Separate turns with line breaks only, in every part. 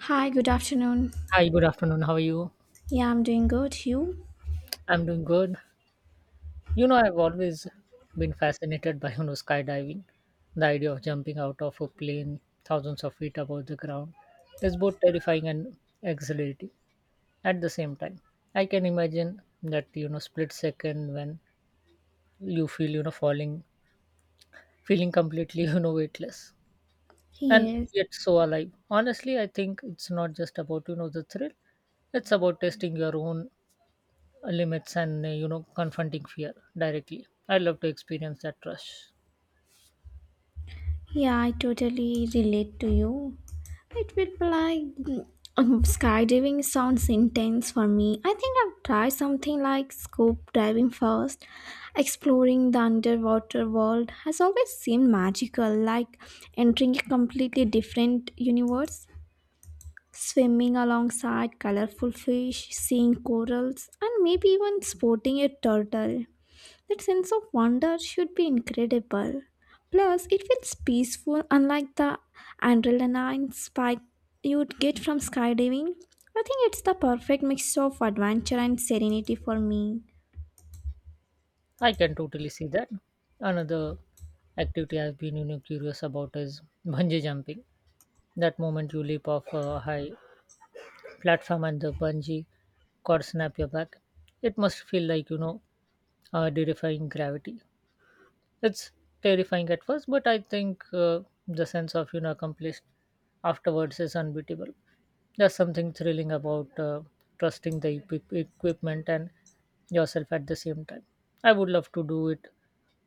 Hi, good afternoon.
Hi, good afternoon. How are you?
Yeah, I'm doing good. You?
I'm doing good. I've always been fascinated by, skydiving. The idea of jumping out of a plane thousands of feet above the ground is both terrifying and exhilarating at the same time. I can imagine that, split second when you feel, falling, feeling completely, weightless and
Yes.
yet so alive. Honestly, I think it's not just about, the thrill. It's about testing your own limits and confronting fear directly. I love to experience that rush.
Yeah, I totally relate to you. It would be like skydiving sounds intense for me. I think I've tried something like scope diving first. Exploring the underwater world has always seemed magical, like entering a completely different universe. Swimming alongside colorful fish, seeing corals, and maybe even sporting a turtle. That sense of wonder should be incredible. Plus, it feels peaceful, unlike the adrenaline spike you'd get from skydiving. I think it's the perfect mix of adventure and serenity for me.
I can totally see that. Another activity I've been curious about is bungee jumping. That moment you leap off a high platform and the bungee cord snap your back, it must feel like, defying gravity. It's terrifying at first, but I think the sense of accomplished afterwards is unbeatable. There's something thrilling about trusting the equipment and yourself at the same time. I would love to do it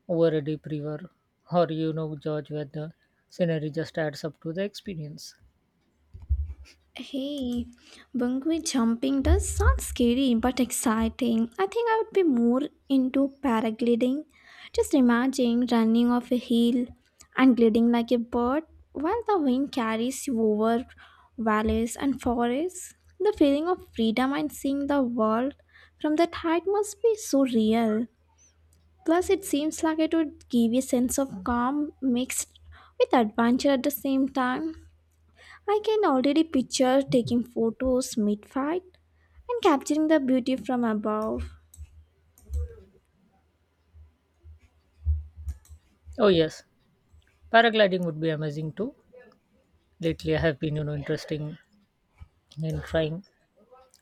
over a deep river or, George, where the scenery just adds up to the experience.
Hey, bungee jumping does sound scary but exciting. I think I would be more into paragliding. Just imagine running off a hill and gliding like a bird while the wind carries you over valleys and forests. The feeling of freedom and seeing the world from that height must be so real. Plus, it seems like it would give you a sense of calm mixed with adventure at the same time. I can already picture taking photos mid fight and capturing the beauty from above.
Oh yes, paragliding would be amazing too. Lately, I have been, interesting in trying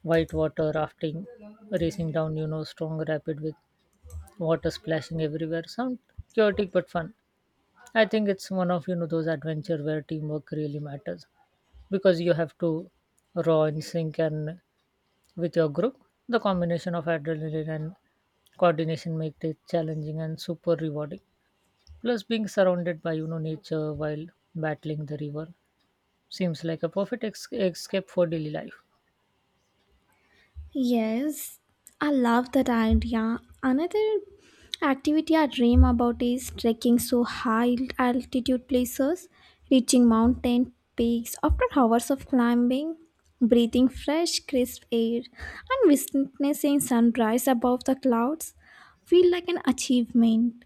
whitewater rafting, racing down, strong rapid with water splashing everywhere sound chaotic but fun. I think it's one of, those adventure where teamwork really matters, because you have to row in sync and with your group. The combination of adrenaline and coordination makes it challenging and super rewarding. Plus, being surrounded by, nature while battling the river seems like a perfect escape for daily life.
Yes, I love that idea. Another activity I dream about is trekking so high altitude places, reaching mountain peaks after hours of climbing, breathing fresh, crisp air, and witnessing sunrise above the clouds feel like an achievement.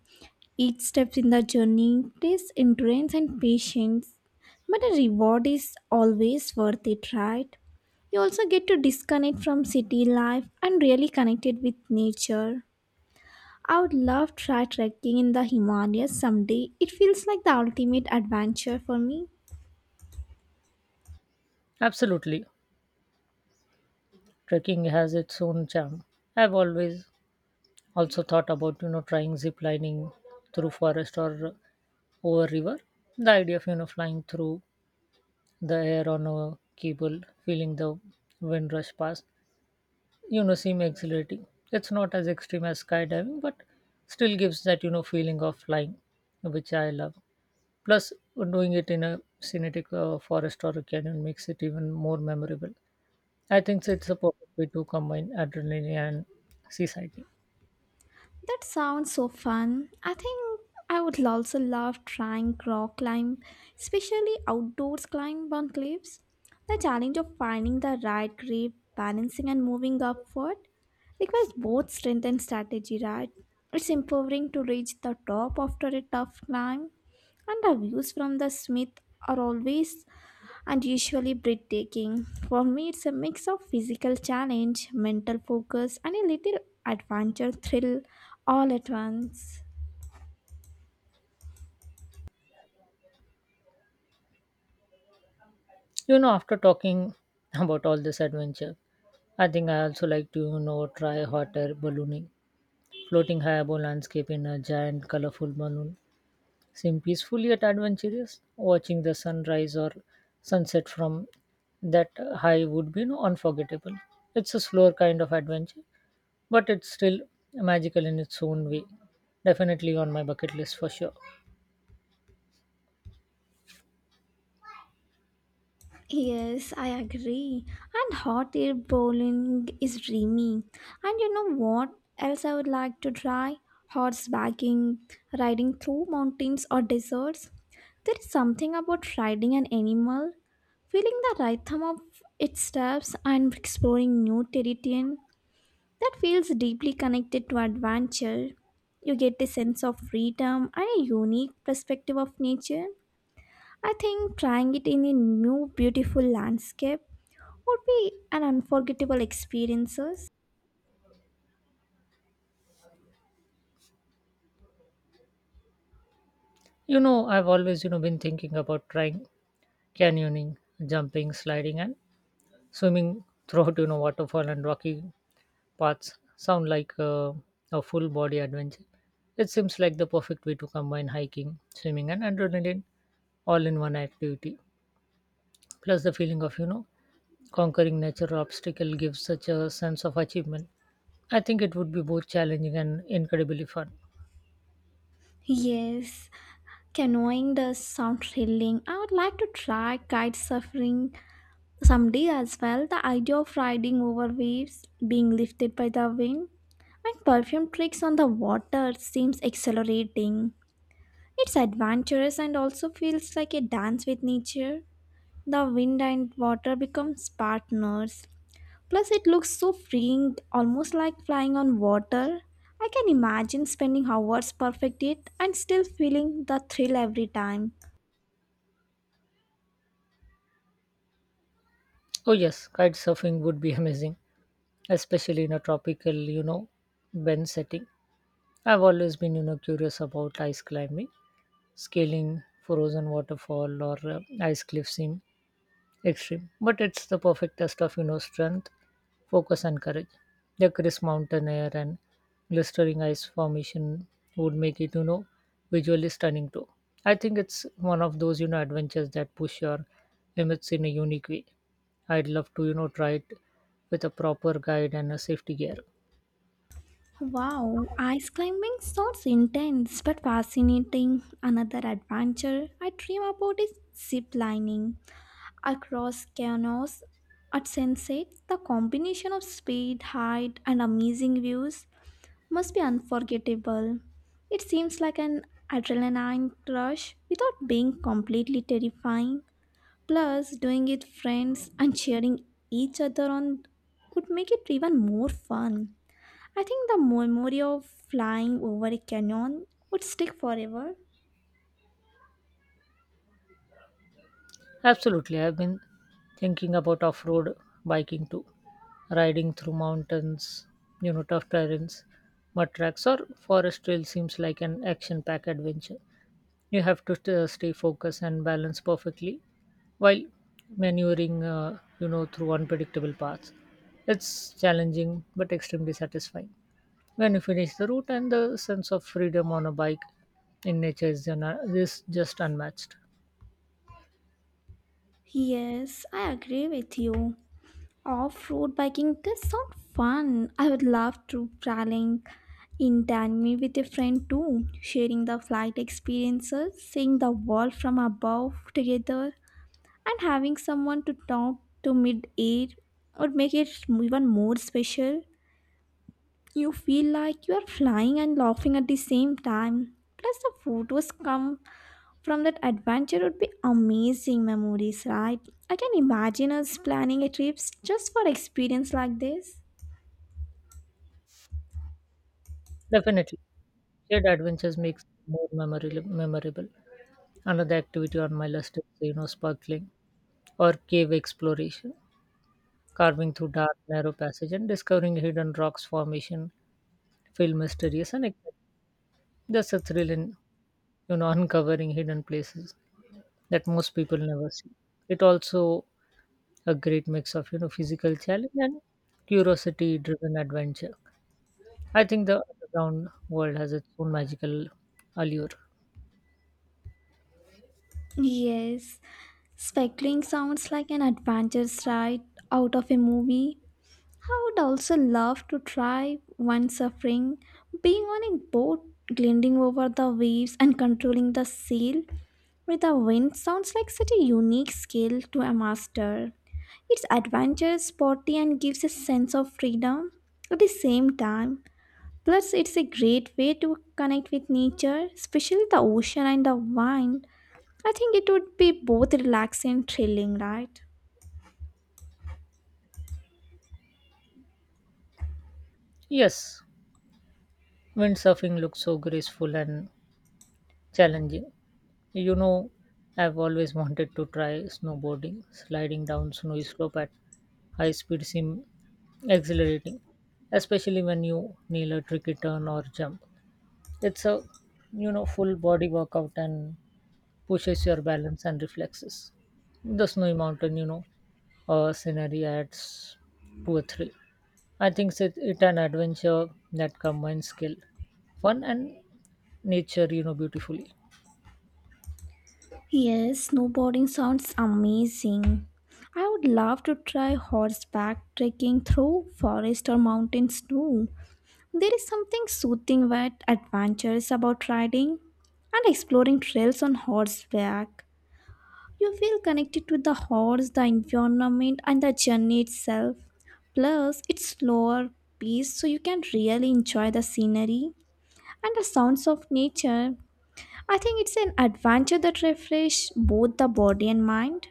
Each step in the journey takes endurance and patience, but the reward is always worth it, right? You also get to disconnect from city life and really connected with nature. I would love try trekking in the Himalayas someday. It feels like the ultimate adventure for me.
Absolutely. Trekking has its own charm. I've always also thought about, trying zip lining through forest or over river. The idea of, flying through the air on a cable, feeling the wind rush past, seem exhilarating. It's not as extreme as skydiving, but still gives that, feeling of flying, which I love. Plus, doing it in a scenic forest or a canyon makes it even more memorable. I think it's a perfect way to combine adrenaline and seasighting.
That sounds so fun. I think I would also love trying rock climb, especially outdoors climb on cliffs. The challenge of finding the right grip, balancing and moving upward requires both strength and strategy, right? It's empowering to reach the top after a tough climb, and the views from the Smith are always and usually breathtaking. For me, it's a mix of physical challenge, mental focus, and a little adventure thrill all at once.
After talking about all this adventure, I think I also like to, try hot air ballooning, floating high above landscape in a giant colorful balloon. Seem peaceful yet adventurous. Watching the sunrise or sunset from that high would be, unforgettable. It's a slower kind of adventure, but it's still magical in its own way. Definitely on my bucket list for sure.
Yes, I agree. And hot air bowling is dreamy. And you know what else I would like to try? Horsebacking, riding through mountains or deserts. There is something about riding an animal, feeling the rhythm of its steps and exploring new territory, that feels deeply connected to adventure. You get a sense of freedom and a unique perspective of nature. I think trying it in a new beautiful landscape would be an unforgettable experience.
You know, I've always been thinking about trying canyoning, jumping, sliding, and swimming throughout, waterfall and rocky parts sound like a full body adventure. It seems like the perfect way to combine hiking, swimming, and adrenaline all in one activity. Plus, the feeling of, conquering natural obstacle gives such a sense of achievement. I think it would be both challenging and incredibly fun.
Yes, canoeing does sound thrilling. I would like to try kite surfing someday as well. The idea of riding over waves, being lifted by the wind, and perfume tricks on the water seems exhilarating. It's adventurous and also feels like a dance with nature. The wind and water become partners. Plus, it looks so freeing, almost like flying on water. I can imagine spending hours perfect it and still feeling the thrill every time.
Oh, yes, kite surfing would be amazing, especially in a tropical, bend setting. I've always been, curious about ice climbing, scaling frozen waterfall or ice cliff scene extreme, but it's the perfect test of, strength, focus, and courage. The crisp mountain air and glistering ice formation would make it, visually stunning too. I think it's one of those, adventures that push your limits in a unique way. I'd love to, try it with a proper guide and a safety gear.
Wow, ice climbing sounds intense but fascinating. Another adventure I dream about is zip lining across canyons at sunset. The combination of speed, height, and amazing views must be unforgettable. It seems like an adrenaline rush without being completely terrifying. Plus, doing it friends and cheering each other on would make it even more fun. I think the memory of flying over a canyon would stick forever.
Absolutely. I've been thinking about off road biking too, riding through mountains, tough terrains, mud tracks, or forest trail seems like an action packed adventure. You have to stay focused and balance perfectly while maneuvering, through unpredictable paths. It's challenging but extremely satisfying. When you finish the route and the sense of freedom on a bike in nature is, is just unmatched.
Yes, I agree with you. Off-road biking, this sound fun. I would love to traveling in Denmark with a friend too, sharing the flight experiences, seeing the world from above together, and having someone to talk to mid-air would make it even more special. You feel like you are flying and laughing at the same time. Plus, the photos come from that adventure would be amazing memories, right? I can imagine us planning a trip just for experience like this.
Definitely. Shared adventures makes it more memorable. Another activity on my list is, sparkling or cave exploration, carving through dark, narrow passage and discovering hidden rocks formation feel mysterious and exciting. There's a thrill in, uncovering hidden places that most people never see. It also a great mix of, physical challenge and curiosity-driven adventure. I think the underground world has its own magical allure.
Yes, speckling sounds like an adventure right out of a movie. I would also love to try one suffering, being on a boat, gliding over the waves and controlling the sail with the wind sounds like such a unique skill to a master. It's adventurous, sporty, and gives a sense of freedom at the same time. Plus, it's a great way to connect with nature, especially the ocean and the wind. I think it would be both relaxing and thrilling, right?
Yes, windsurfing looks so graceful and challenging. You know, I've always wanted to try snowboarding. Sliding down snowy slope at high speed seems exhilarating, especially when you nail a tricky turn or jump. It's a, full body workout and pushes your balance and reflexes. The snowy mountain, scenery adds to a thrill. I think it an adventure that combines skill, fun, and nature, beautifully.
Yes, snowboarding sounds amazing. I would love to try horseback trekking through forest or mountain snow. There is something soothing but adventurous about riding and exploring trails on horseback. You feel connected to the horse, the environment, and the journey itself. Plus, it's slower pace, so you can really enjoy the scenery and the sounds of nature. I think it's an adventure that refreshes both the body and mind.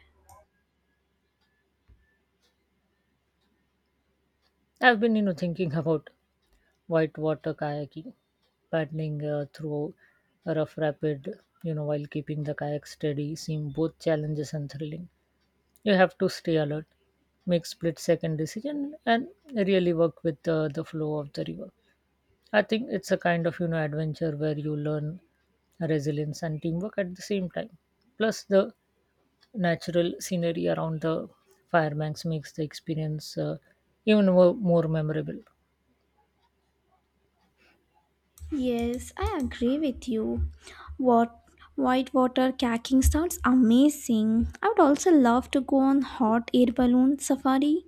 I've been, thinking about whitewater kayaking, paddling through a rough rapid, while keeping the kayak steady, seem both challenges and thrilling. You have to stay alert, make split-second decision, and really work with the flow of the river. I think it's a kind of, adventure where you learn resilience and teamwork at the same time. Plus, the natural scenery around the firebanks makes the experience even more memorable.
Yes, I agree with you. What Whitewater kayaking sounds amazing. I would also love to go on hot air balloon safari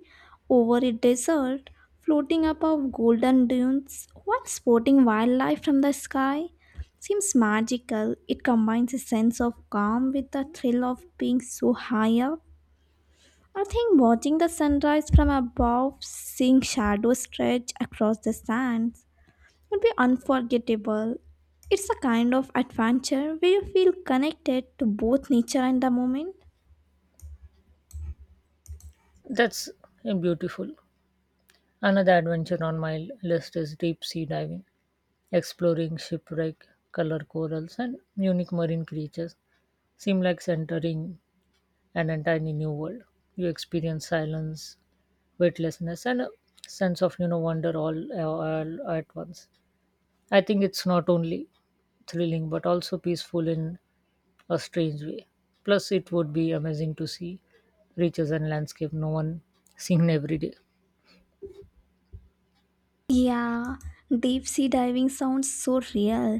over a desert, floating above golden dunes while spotting wildlife from the sky. Seems magical. It combines a sense of calm with the thrill of being so high up. I think watching the sunrise from above, seeing shadows stretch across the sands, would be unforgettable. It's a kind of adventure where you feel connected to both nature and the moment.
That's beautiful. Another adventure on my list is deep sea diving, exploring shipwreck, color corals, and unique marine creatures. Seem like entering an entirely new world. You experience silence, weightlessness, and a sense of, wonder all at once. I think it's not only thrilling but also peaceful in a strange way. Plus, it would be amazing to see riches and landscape no one seen every day.
Yeah, deep sea diving sounds so real.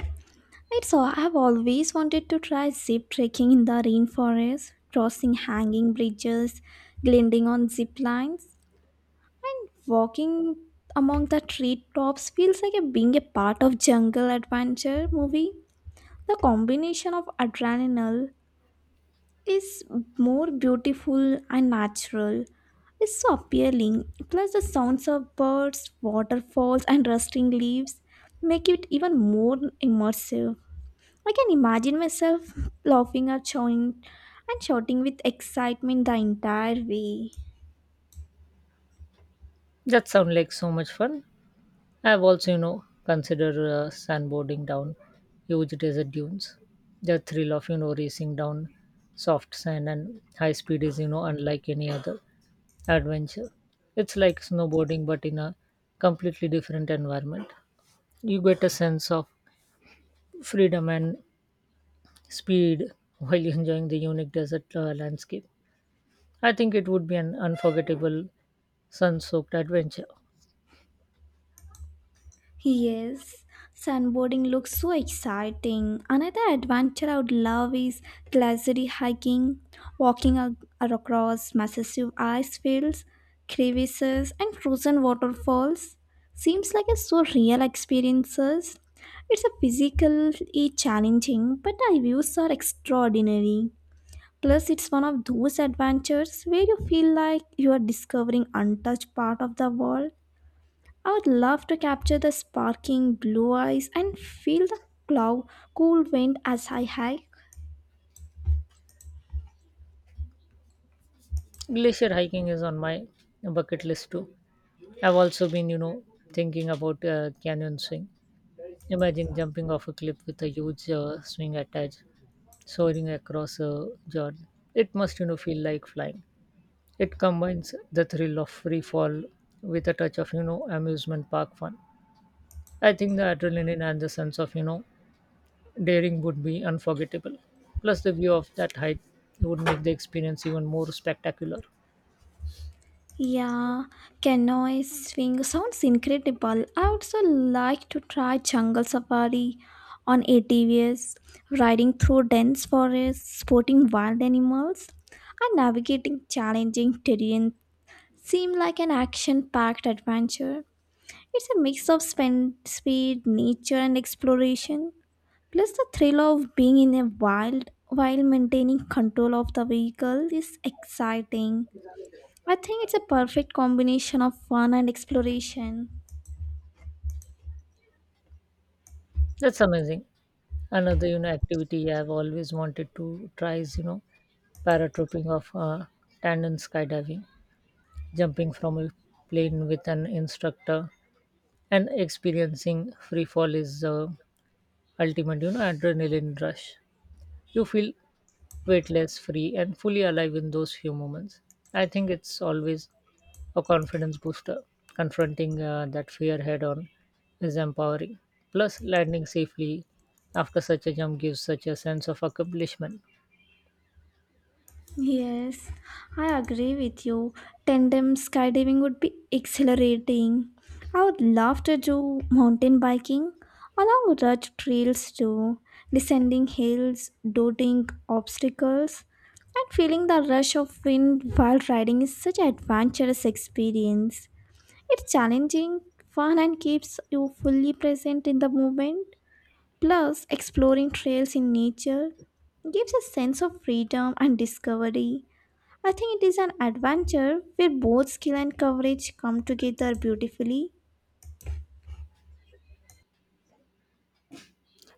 It's all I've always wanted to try zip trekking in the rainforest, crossing hanging bridges, gliding on zip lines. Walking among the treetops feels like a, being a part of jungle adventure movie. The combination of adrenaline is more beautiful and natural. It's so appealing. Plus the sounds of birds, waterfalls and rustling leaves make it even more immersive. I can imagine myself laughing or shouting and shouting with excitement the entire way.
That sounds like so much fun. I've also, considered sandboarding down huge desert dunes. The thrill of, racing down soft sand and high speed is, unlike any other adventure. It's like snowboarding, but in a completely different environment. You get a sense of freedom and speed while enjoying the unique desert landscape. I think it would be an unforgettable sun soaked adventure.
Yes, sunboarding looks so exciting. Another adventure I would love is glacier hiking, walking across massive ice fields, crevices, and frozen waterfalls. Seems like a so real experiences. It's a physically challenging, but the views are extraordinary. Plus, it's one of those adventures where you feel like you are discovering untouched part of the world. I would love to capture the sparkling blue eyes and feel the cloud cool wind as I hike.
Glacier hiking is on my bucket list too. I've also been, thinking about canyon swing. Imagine jumping off a cliff with a huge swing attached, soaring across Jordan. It must, feel like flying. It combines the thrill of free fall with a touch of, amusement park fun. I think the adrenaline and the sense of, daring would be unforgettable. Plus, the view of that height would make the experience even more spectacular.
Yeah, canoe swing sounds incredible. I also like to try jungle safari on ATVs, riding through dense forests, spotting wild animals, and navigating challenging terrain seem like an action-packed adventure. It's a mix of spend, speed, nature, and exploration. Plus, the thrill of being in a wild while maintaining control of the vehicle is exciting. I think it's a perfect combination of fun and exploration.
That's amazing. Another, activity I've always wanted to try is, paratrooping of tandem skydiving, jumping from a plane with an instructor, and experiencing free fall is the ultimate, adrenaline rush. You feel weightless, free, and fully alive in those few moments. I think it's always a confidence booster. Confronting that fear head on is empowering. Plus, landing safely after such a jump gives such a sense of accomplishment.
Yes, I agree with you. Tandem skydiving would be exhilarating. I would love to do mountain biking along rugged trails too, descending hills, dodging obstacles, and feeling the rush of wind while riding is such an adventurous experience. It's challenging, fun, and keeps you fully present in the moment. Plus, exploring trails in nature gives a sense of freedom and discovery. I think it is an adventure where both skill and courage come together beautifully.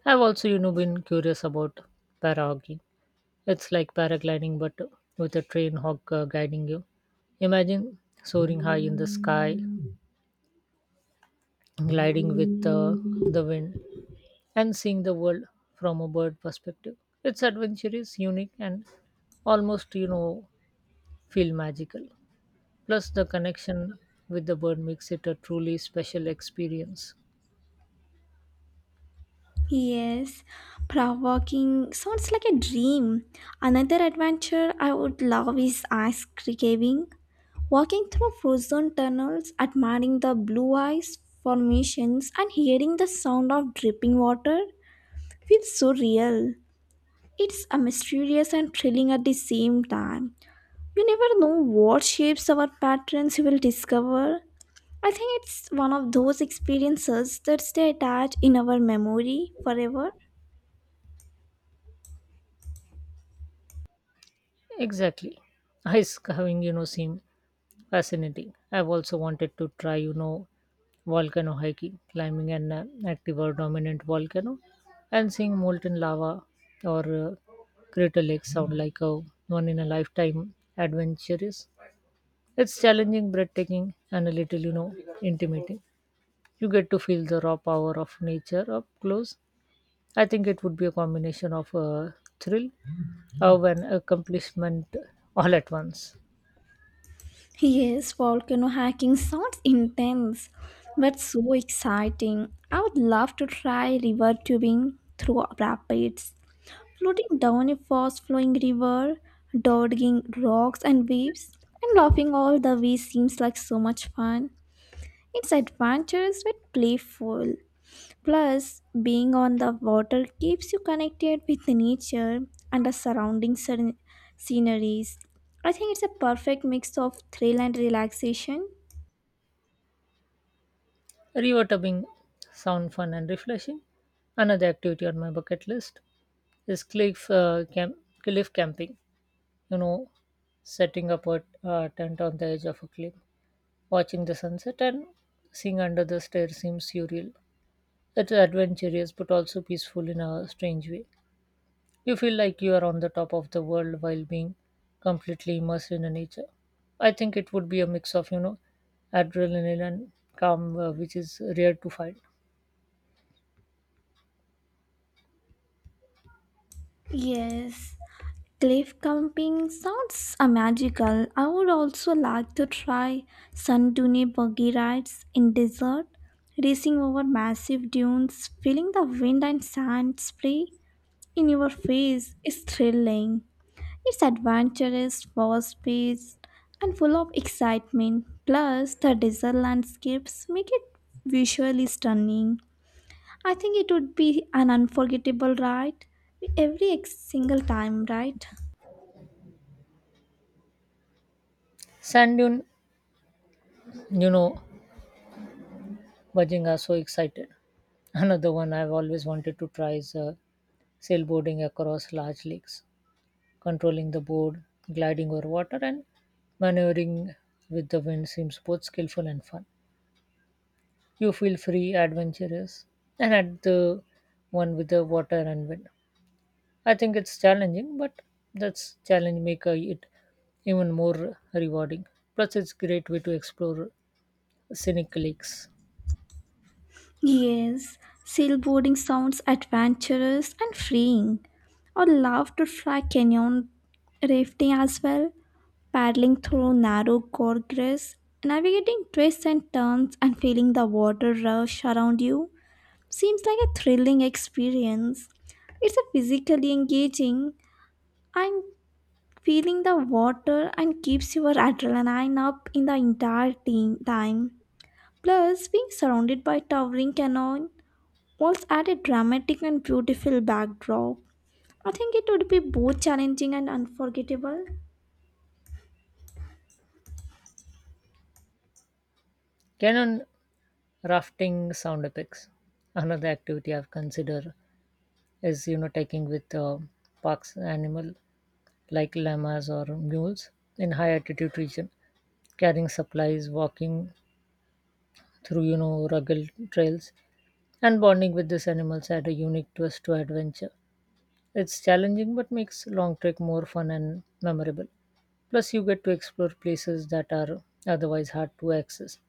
I've also, been curious about para hockey. It's like paragliding, but with a train hawk guiding you. Imagine soaring high in the sky, gliding with the wind, and seeing the world from a bird perspective. It's adventure is unique, and almost, feel magical. Plus, the connection with the bird makes it a truly special experience.
Yes, prog walking sounds like a dream. Another adventure I would love is ice caving. Walking through frozen tunnels, admiring the blue ice formations, and hearing the sound of dripping water feels so real. It's a mysterious and thrilling at the same time. You never know what shapes or patterns you will discover. I think it's one of those experiences that stay attached in our memory forever.
Exactly. Ice carving, seem fascinating. I've also wanted to try, volcano hiking, climbing an active or dominant volcano, and seeing molten lava or crater lake sound like a one in a lifetime adventure is. It's challenging, breathtaking, and a little, intimating. You get to feel the raw power of nature up close. I think it would be a combination of a thrill, of an accomplishment all at once.
Yes, volcano hiking sounds intense, but so exciting. I would love to try river tubing through rapids, floating down a fast flowing river, dodging rocks and waves, and laughing all the way seems like so much fun. It's adventurous but playful. Plus, being on the water keeps you connected with nature and the surrounding sceneries. I think it's a perfect mix of thrill and relaxation.
Rewatering sound fun and refreshing. Another activity on my bucket list is cliff camping. You know, setting up a tent on the edge of a cliff, watching the sunset, and seeing under the stairs seems surreal. It's adventurous but also peaceful in a strange way. You feel like you are on the top of the world while being completely immersed in the nature. I think it would be a mix of, adrenaline and calm, which is rare to find.
Yes. Cliff camping sounds magical. I would also like to try sun dune buggy rides in desert, racing over massive dunes, feeling the wind and sand spray in your face is thrilling. Its adventurous, fast paced, and full of excitement. Plus, the desert landscapes make it visually stunning. I think it would be an unforgettable ride every single time, right?
Sand dune, You know, Bajinga, so excited. Another one I've always wanted to try is sailboarding across large lakes, controlling the board, gliding over water, and maneuvering with the wind seems both skillful and fun. You feel free, adventurous, and at the one with the water and wind. I think it's challenging, but that's challenge make it even more rewarding. Plus, it's great way to explore scenic lakes.
Yes, sailboarding sounds adventurous and freeing. I'd love to try canyon rafting as well, paddling through narrow gorges, navigating twists and turns, and feeling the water rush around you. Seems like a thrilling experience. It's a physically engaging and feeling the water and keeps your adrenaline up in the entire team time. Plus, being surrounded by towering canyon walls add a dramatic and beautiful backdrop. I think it would be both challenging and unforgettable.
Canyon rafting sound epics. Another activity I've considered is, taking with parks animal like llamas or mules in high altitude region, carrying supplies, walking through, rugged trails, and bonding with these animals add a unique twist to adventure. It's challenging but makes long trek more fun and memorable. Plus, you get to explore places that are otherwise hard to access.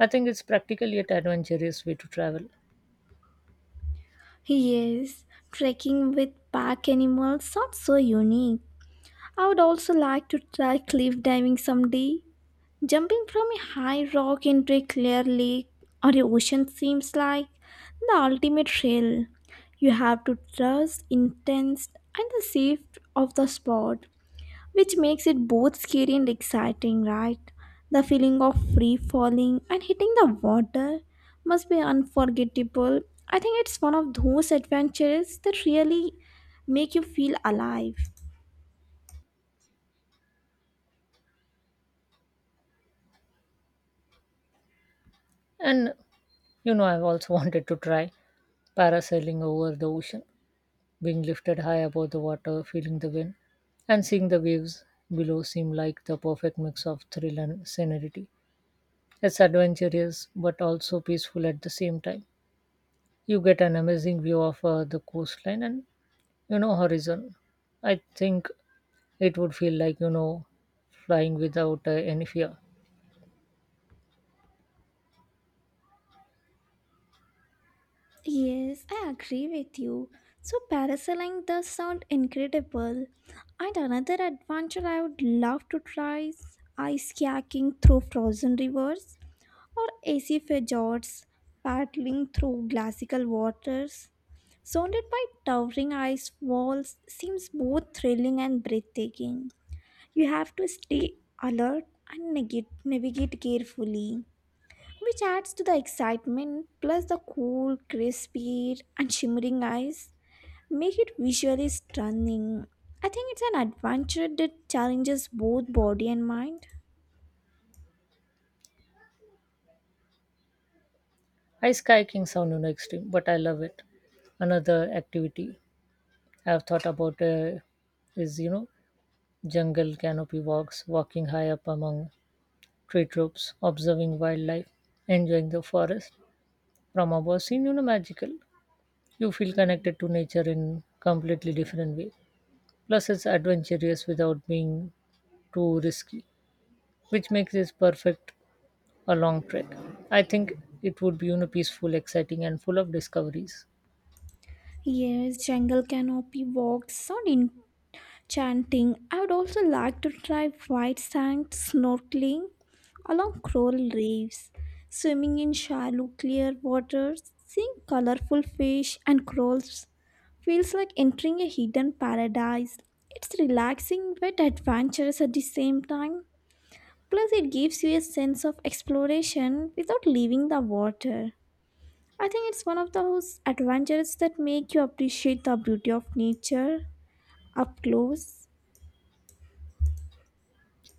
I think it's practical yet adventurous way to travel.
Yes, trekking with pack animals sounds so unique. I would also like to try cliff diving someday. Jumping from a high rock into a clear lake or a ocean seems like the ultimate thrill. You have to trust, intense, and the safe of the spot, which makes it both scary and exciting, right? The feeling of free falling and hitting the water must be unforgettable. I think it's one of those adventures that really make you feel alive.
And I've also wanted to try parasailing over the ocean, being lifted high above the water, feeling the wind, and seeing the waves below seem like the perfect mix of thrill and serenity. It's adventurous but also peaceful at the same time. You get an amazing view of the coastline and, horizon. I think it would feel like, flying without any fear.
Yes, I agree with you. So parasailing does sound incredible. And another adventure I would love to try is ice kayaking through frozen rivers or AC fjords, paddling through glacial waters. Surrounded by towering ice walls seems both thrilling and breathtaking. You have to stay alert and navigate carefully, which adds to the excitement. Plus, the cool crisp air and shimmering eyes make it visually stunning. I think it's an adventure that challenges both body and mind.
Ice kayaking sound, extreme, but I love it. Another activity have thought about is, jungle canopy walks, walking high up among tree trunks, observing wildlife, enjoying the forest from above seem, magical. You feel connected to nature in completely different way. Plus, it's adventurous without being too risky, which makes this perfect a long trek. I think it would be, peaceful, exciting, and full of discoveries.
Yes, jungle canopy walks sound chanting. I would also like to try white sand snorkeling along coral reefs, swimming in shallow, clear waters, seeing colorful fish and corals feels like entering a hidden paradise. It's relaxing but adventurous at the same time. Plus, it gives you a sense of exploration without leaving the water. I think it's one of those adventures that make you appreciate the beauty of nature up close.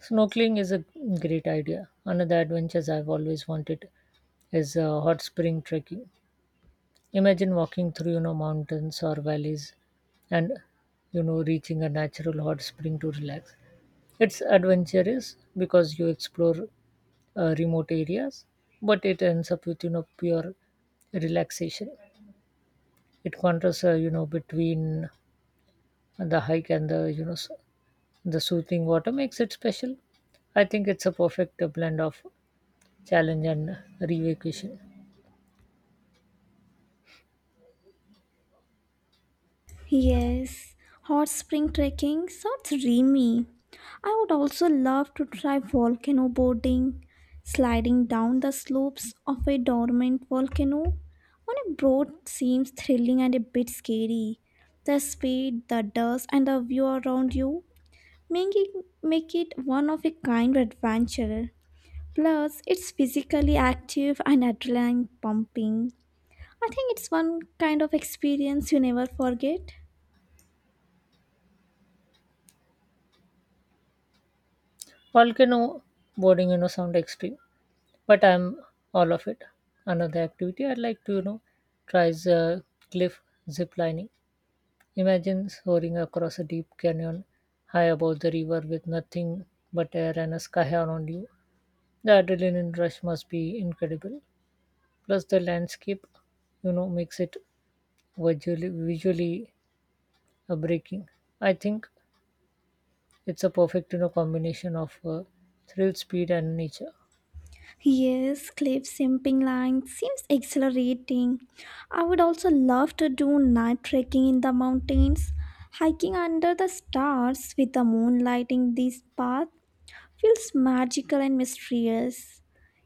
Snorkeling is a great idea. Another adventure I've always wanted is hot spring trekking. Imagine walking through, mountains or valleys and, reaching a natural hot spring to relax. It's adventurous because you explore remote areas, but it ends up with, pure relaxation. It contrasts, between the hike and the, the soothing water makes it special. I think it's a perfect blend of challenge and revacation.
Yes, hot spring trekking sounds dreamy. I would also love to try volcano boarding, sliding down the slopes of a dormant volcano. On a boat seems thrilling and a bit scary. The speed, the dust, and the view around you make it make it one of a kind adventure. Plus, it's physically active and adrenaline pumping. I think it's one kind of experience you never forget.
Volcano boarding, sound extreme, but I'm all of it. Another activity I'd like to, try is cliff zip lining. Imagine soaring across a deep canyon high above the river with nothing but air and a sky around you. The adrenaline rush must be incredible. Plus, the landscape, makes it visually, visually breaking. I think it's a perfect, combination of thrill, speed, and nature.
Yes, cliff simping line seems exhilarating. I would also love to do night trekking in the mountains. Hiking under the stars with the moon lighting this path feels magical and mysterious.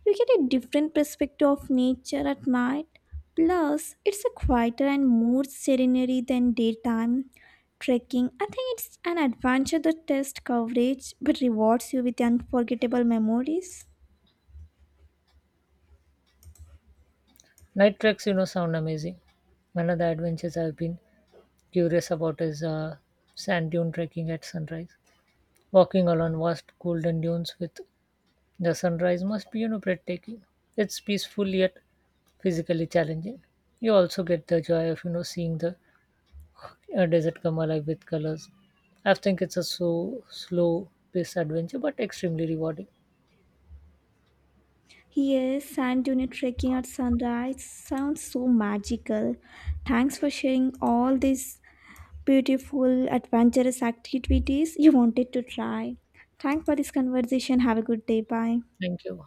You get a different perspective of nature at night. Plus, it's a quieter and more serenity than daytime trekking. I think it's an adventure that tests coverage but rewards you with unforgettable memories.
Night treks, sound amazing. One of the adventures I've been curious about is sand dune trekking at sunrise. Walking along vast golden dunes with the sunrise must be, breathtaking. It's peaceful yet physically challenging. You also get the joy of, seeing the desert come alive with colors. I think it's a so slow paced adventure, but extremely rewarding.
Yes, sand dune trekking at sunrise sounds so magical. Thanks for sharing all these beautiful, adventurous activities you wanted to try. Thanks for this conversation. Have a good day. Bye.
Thank you.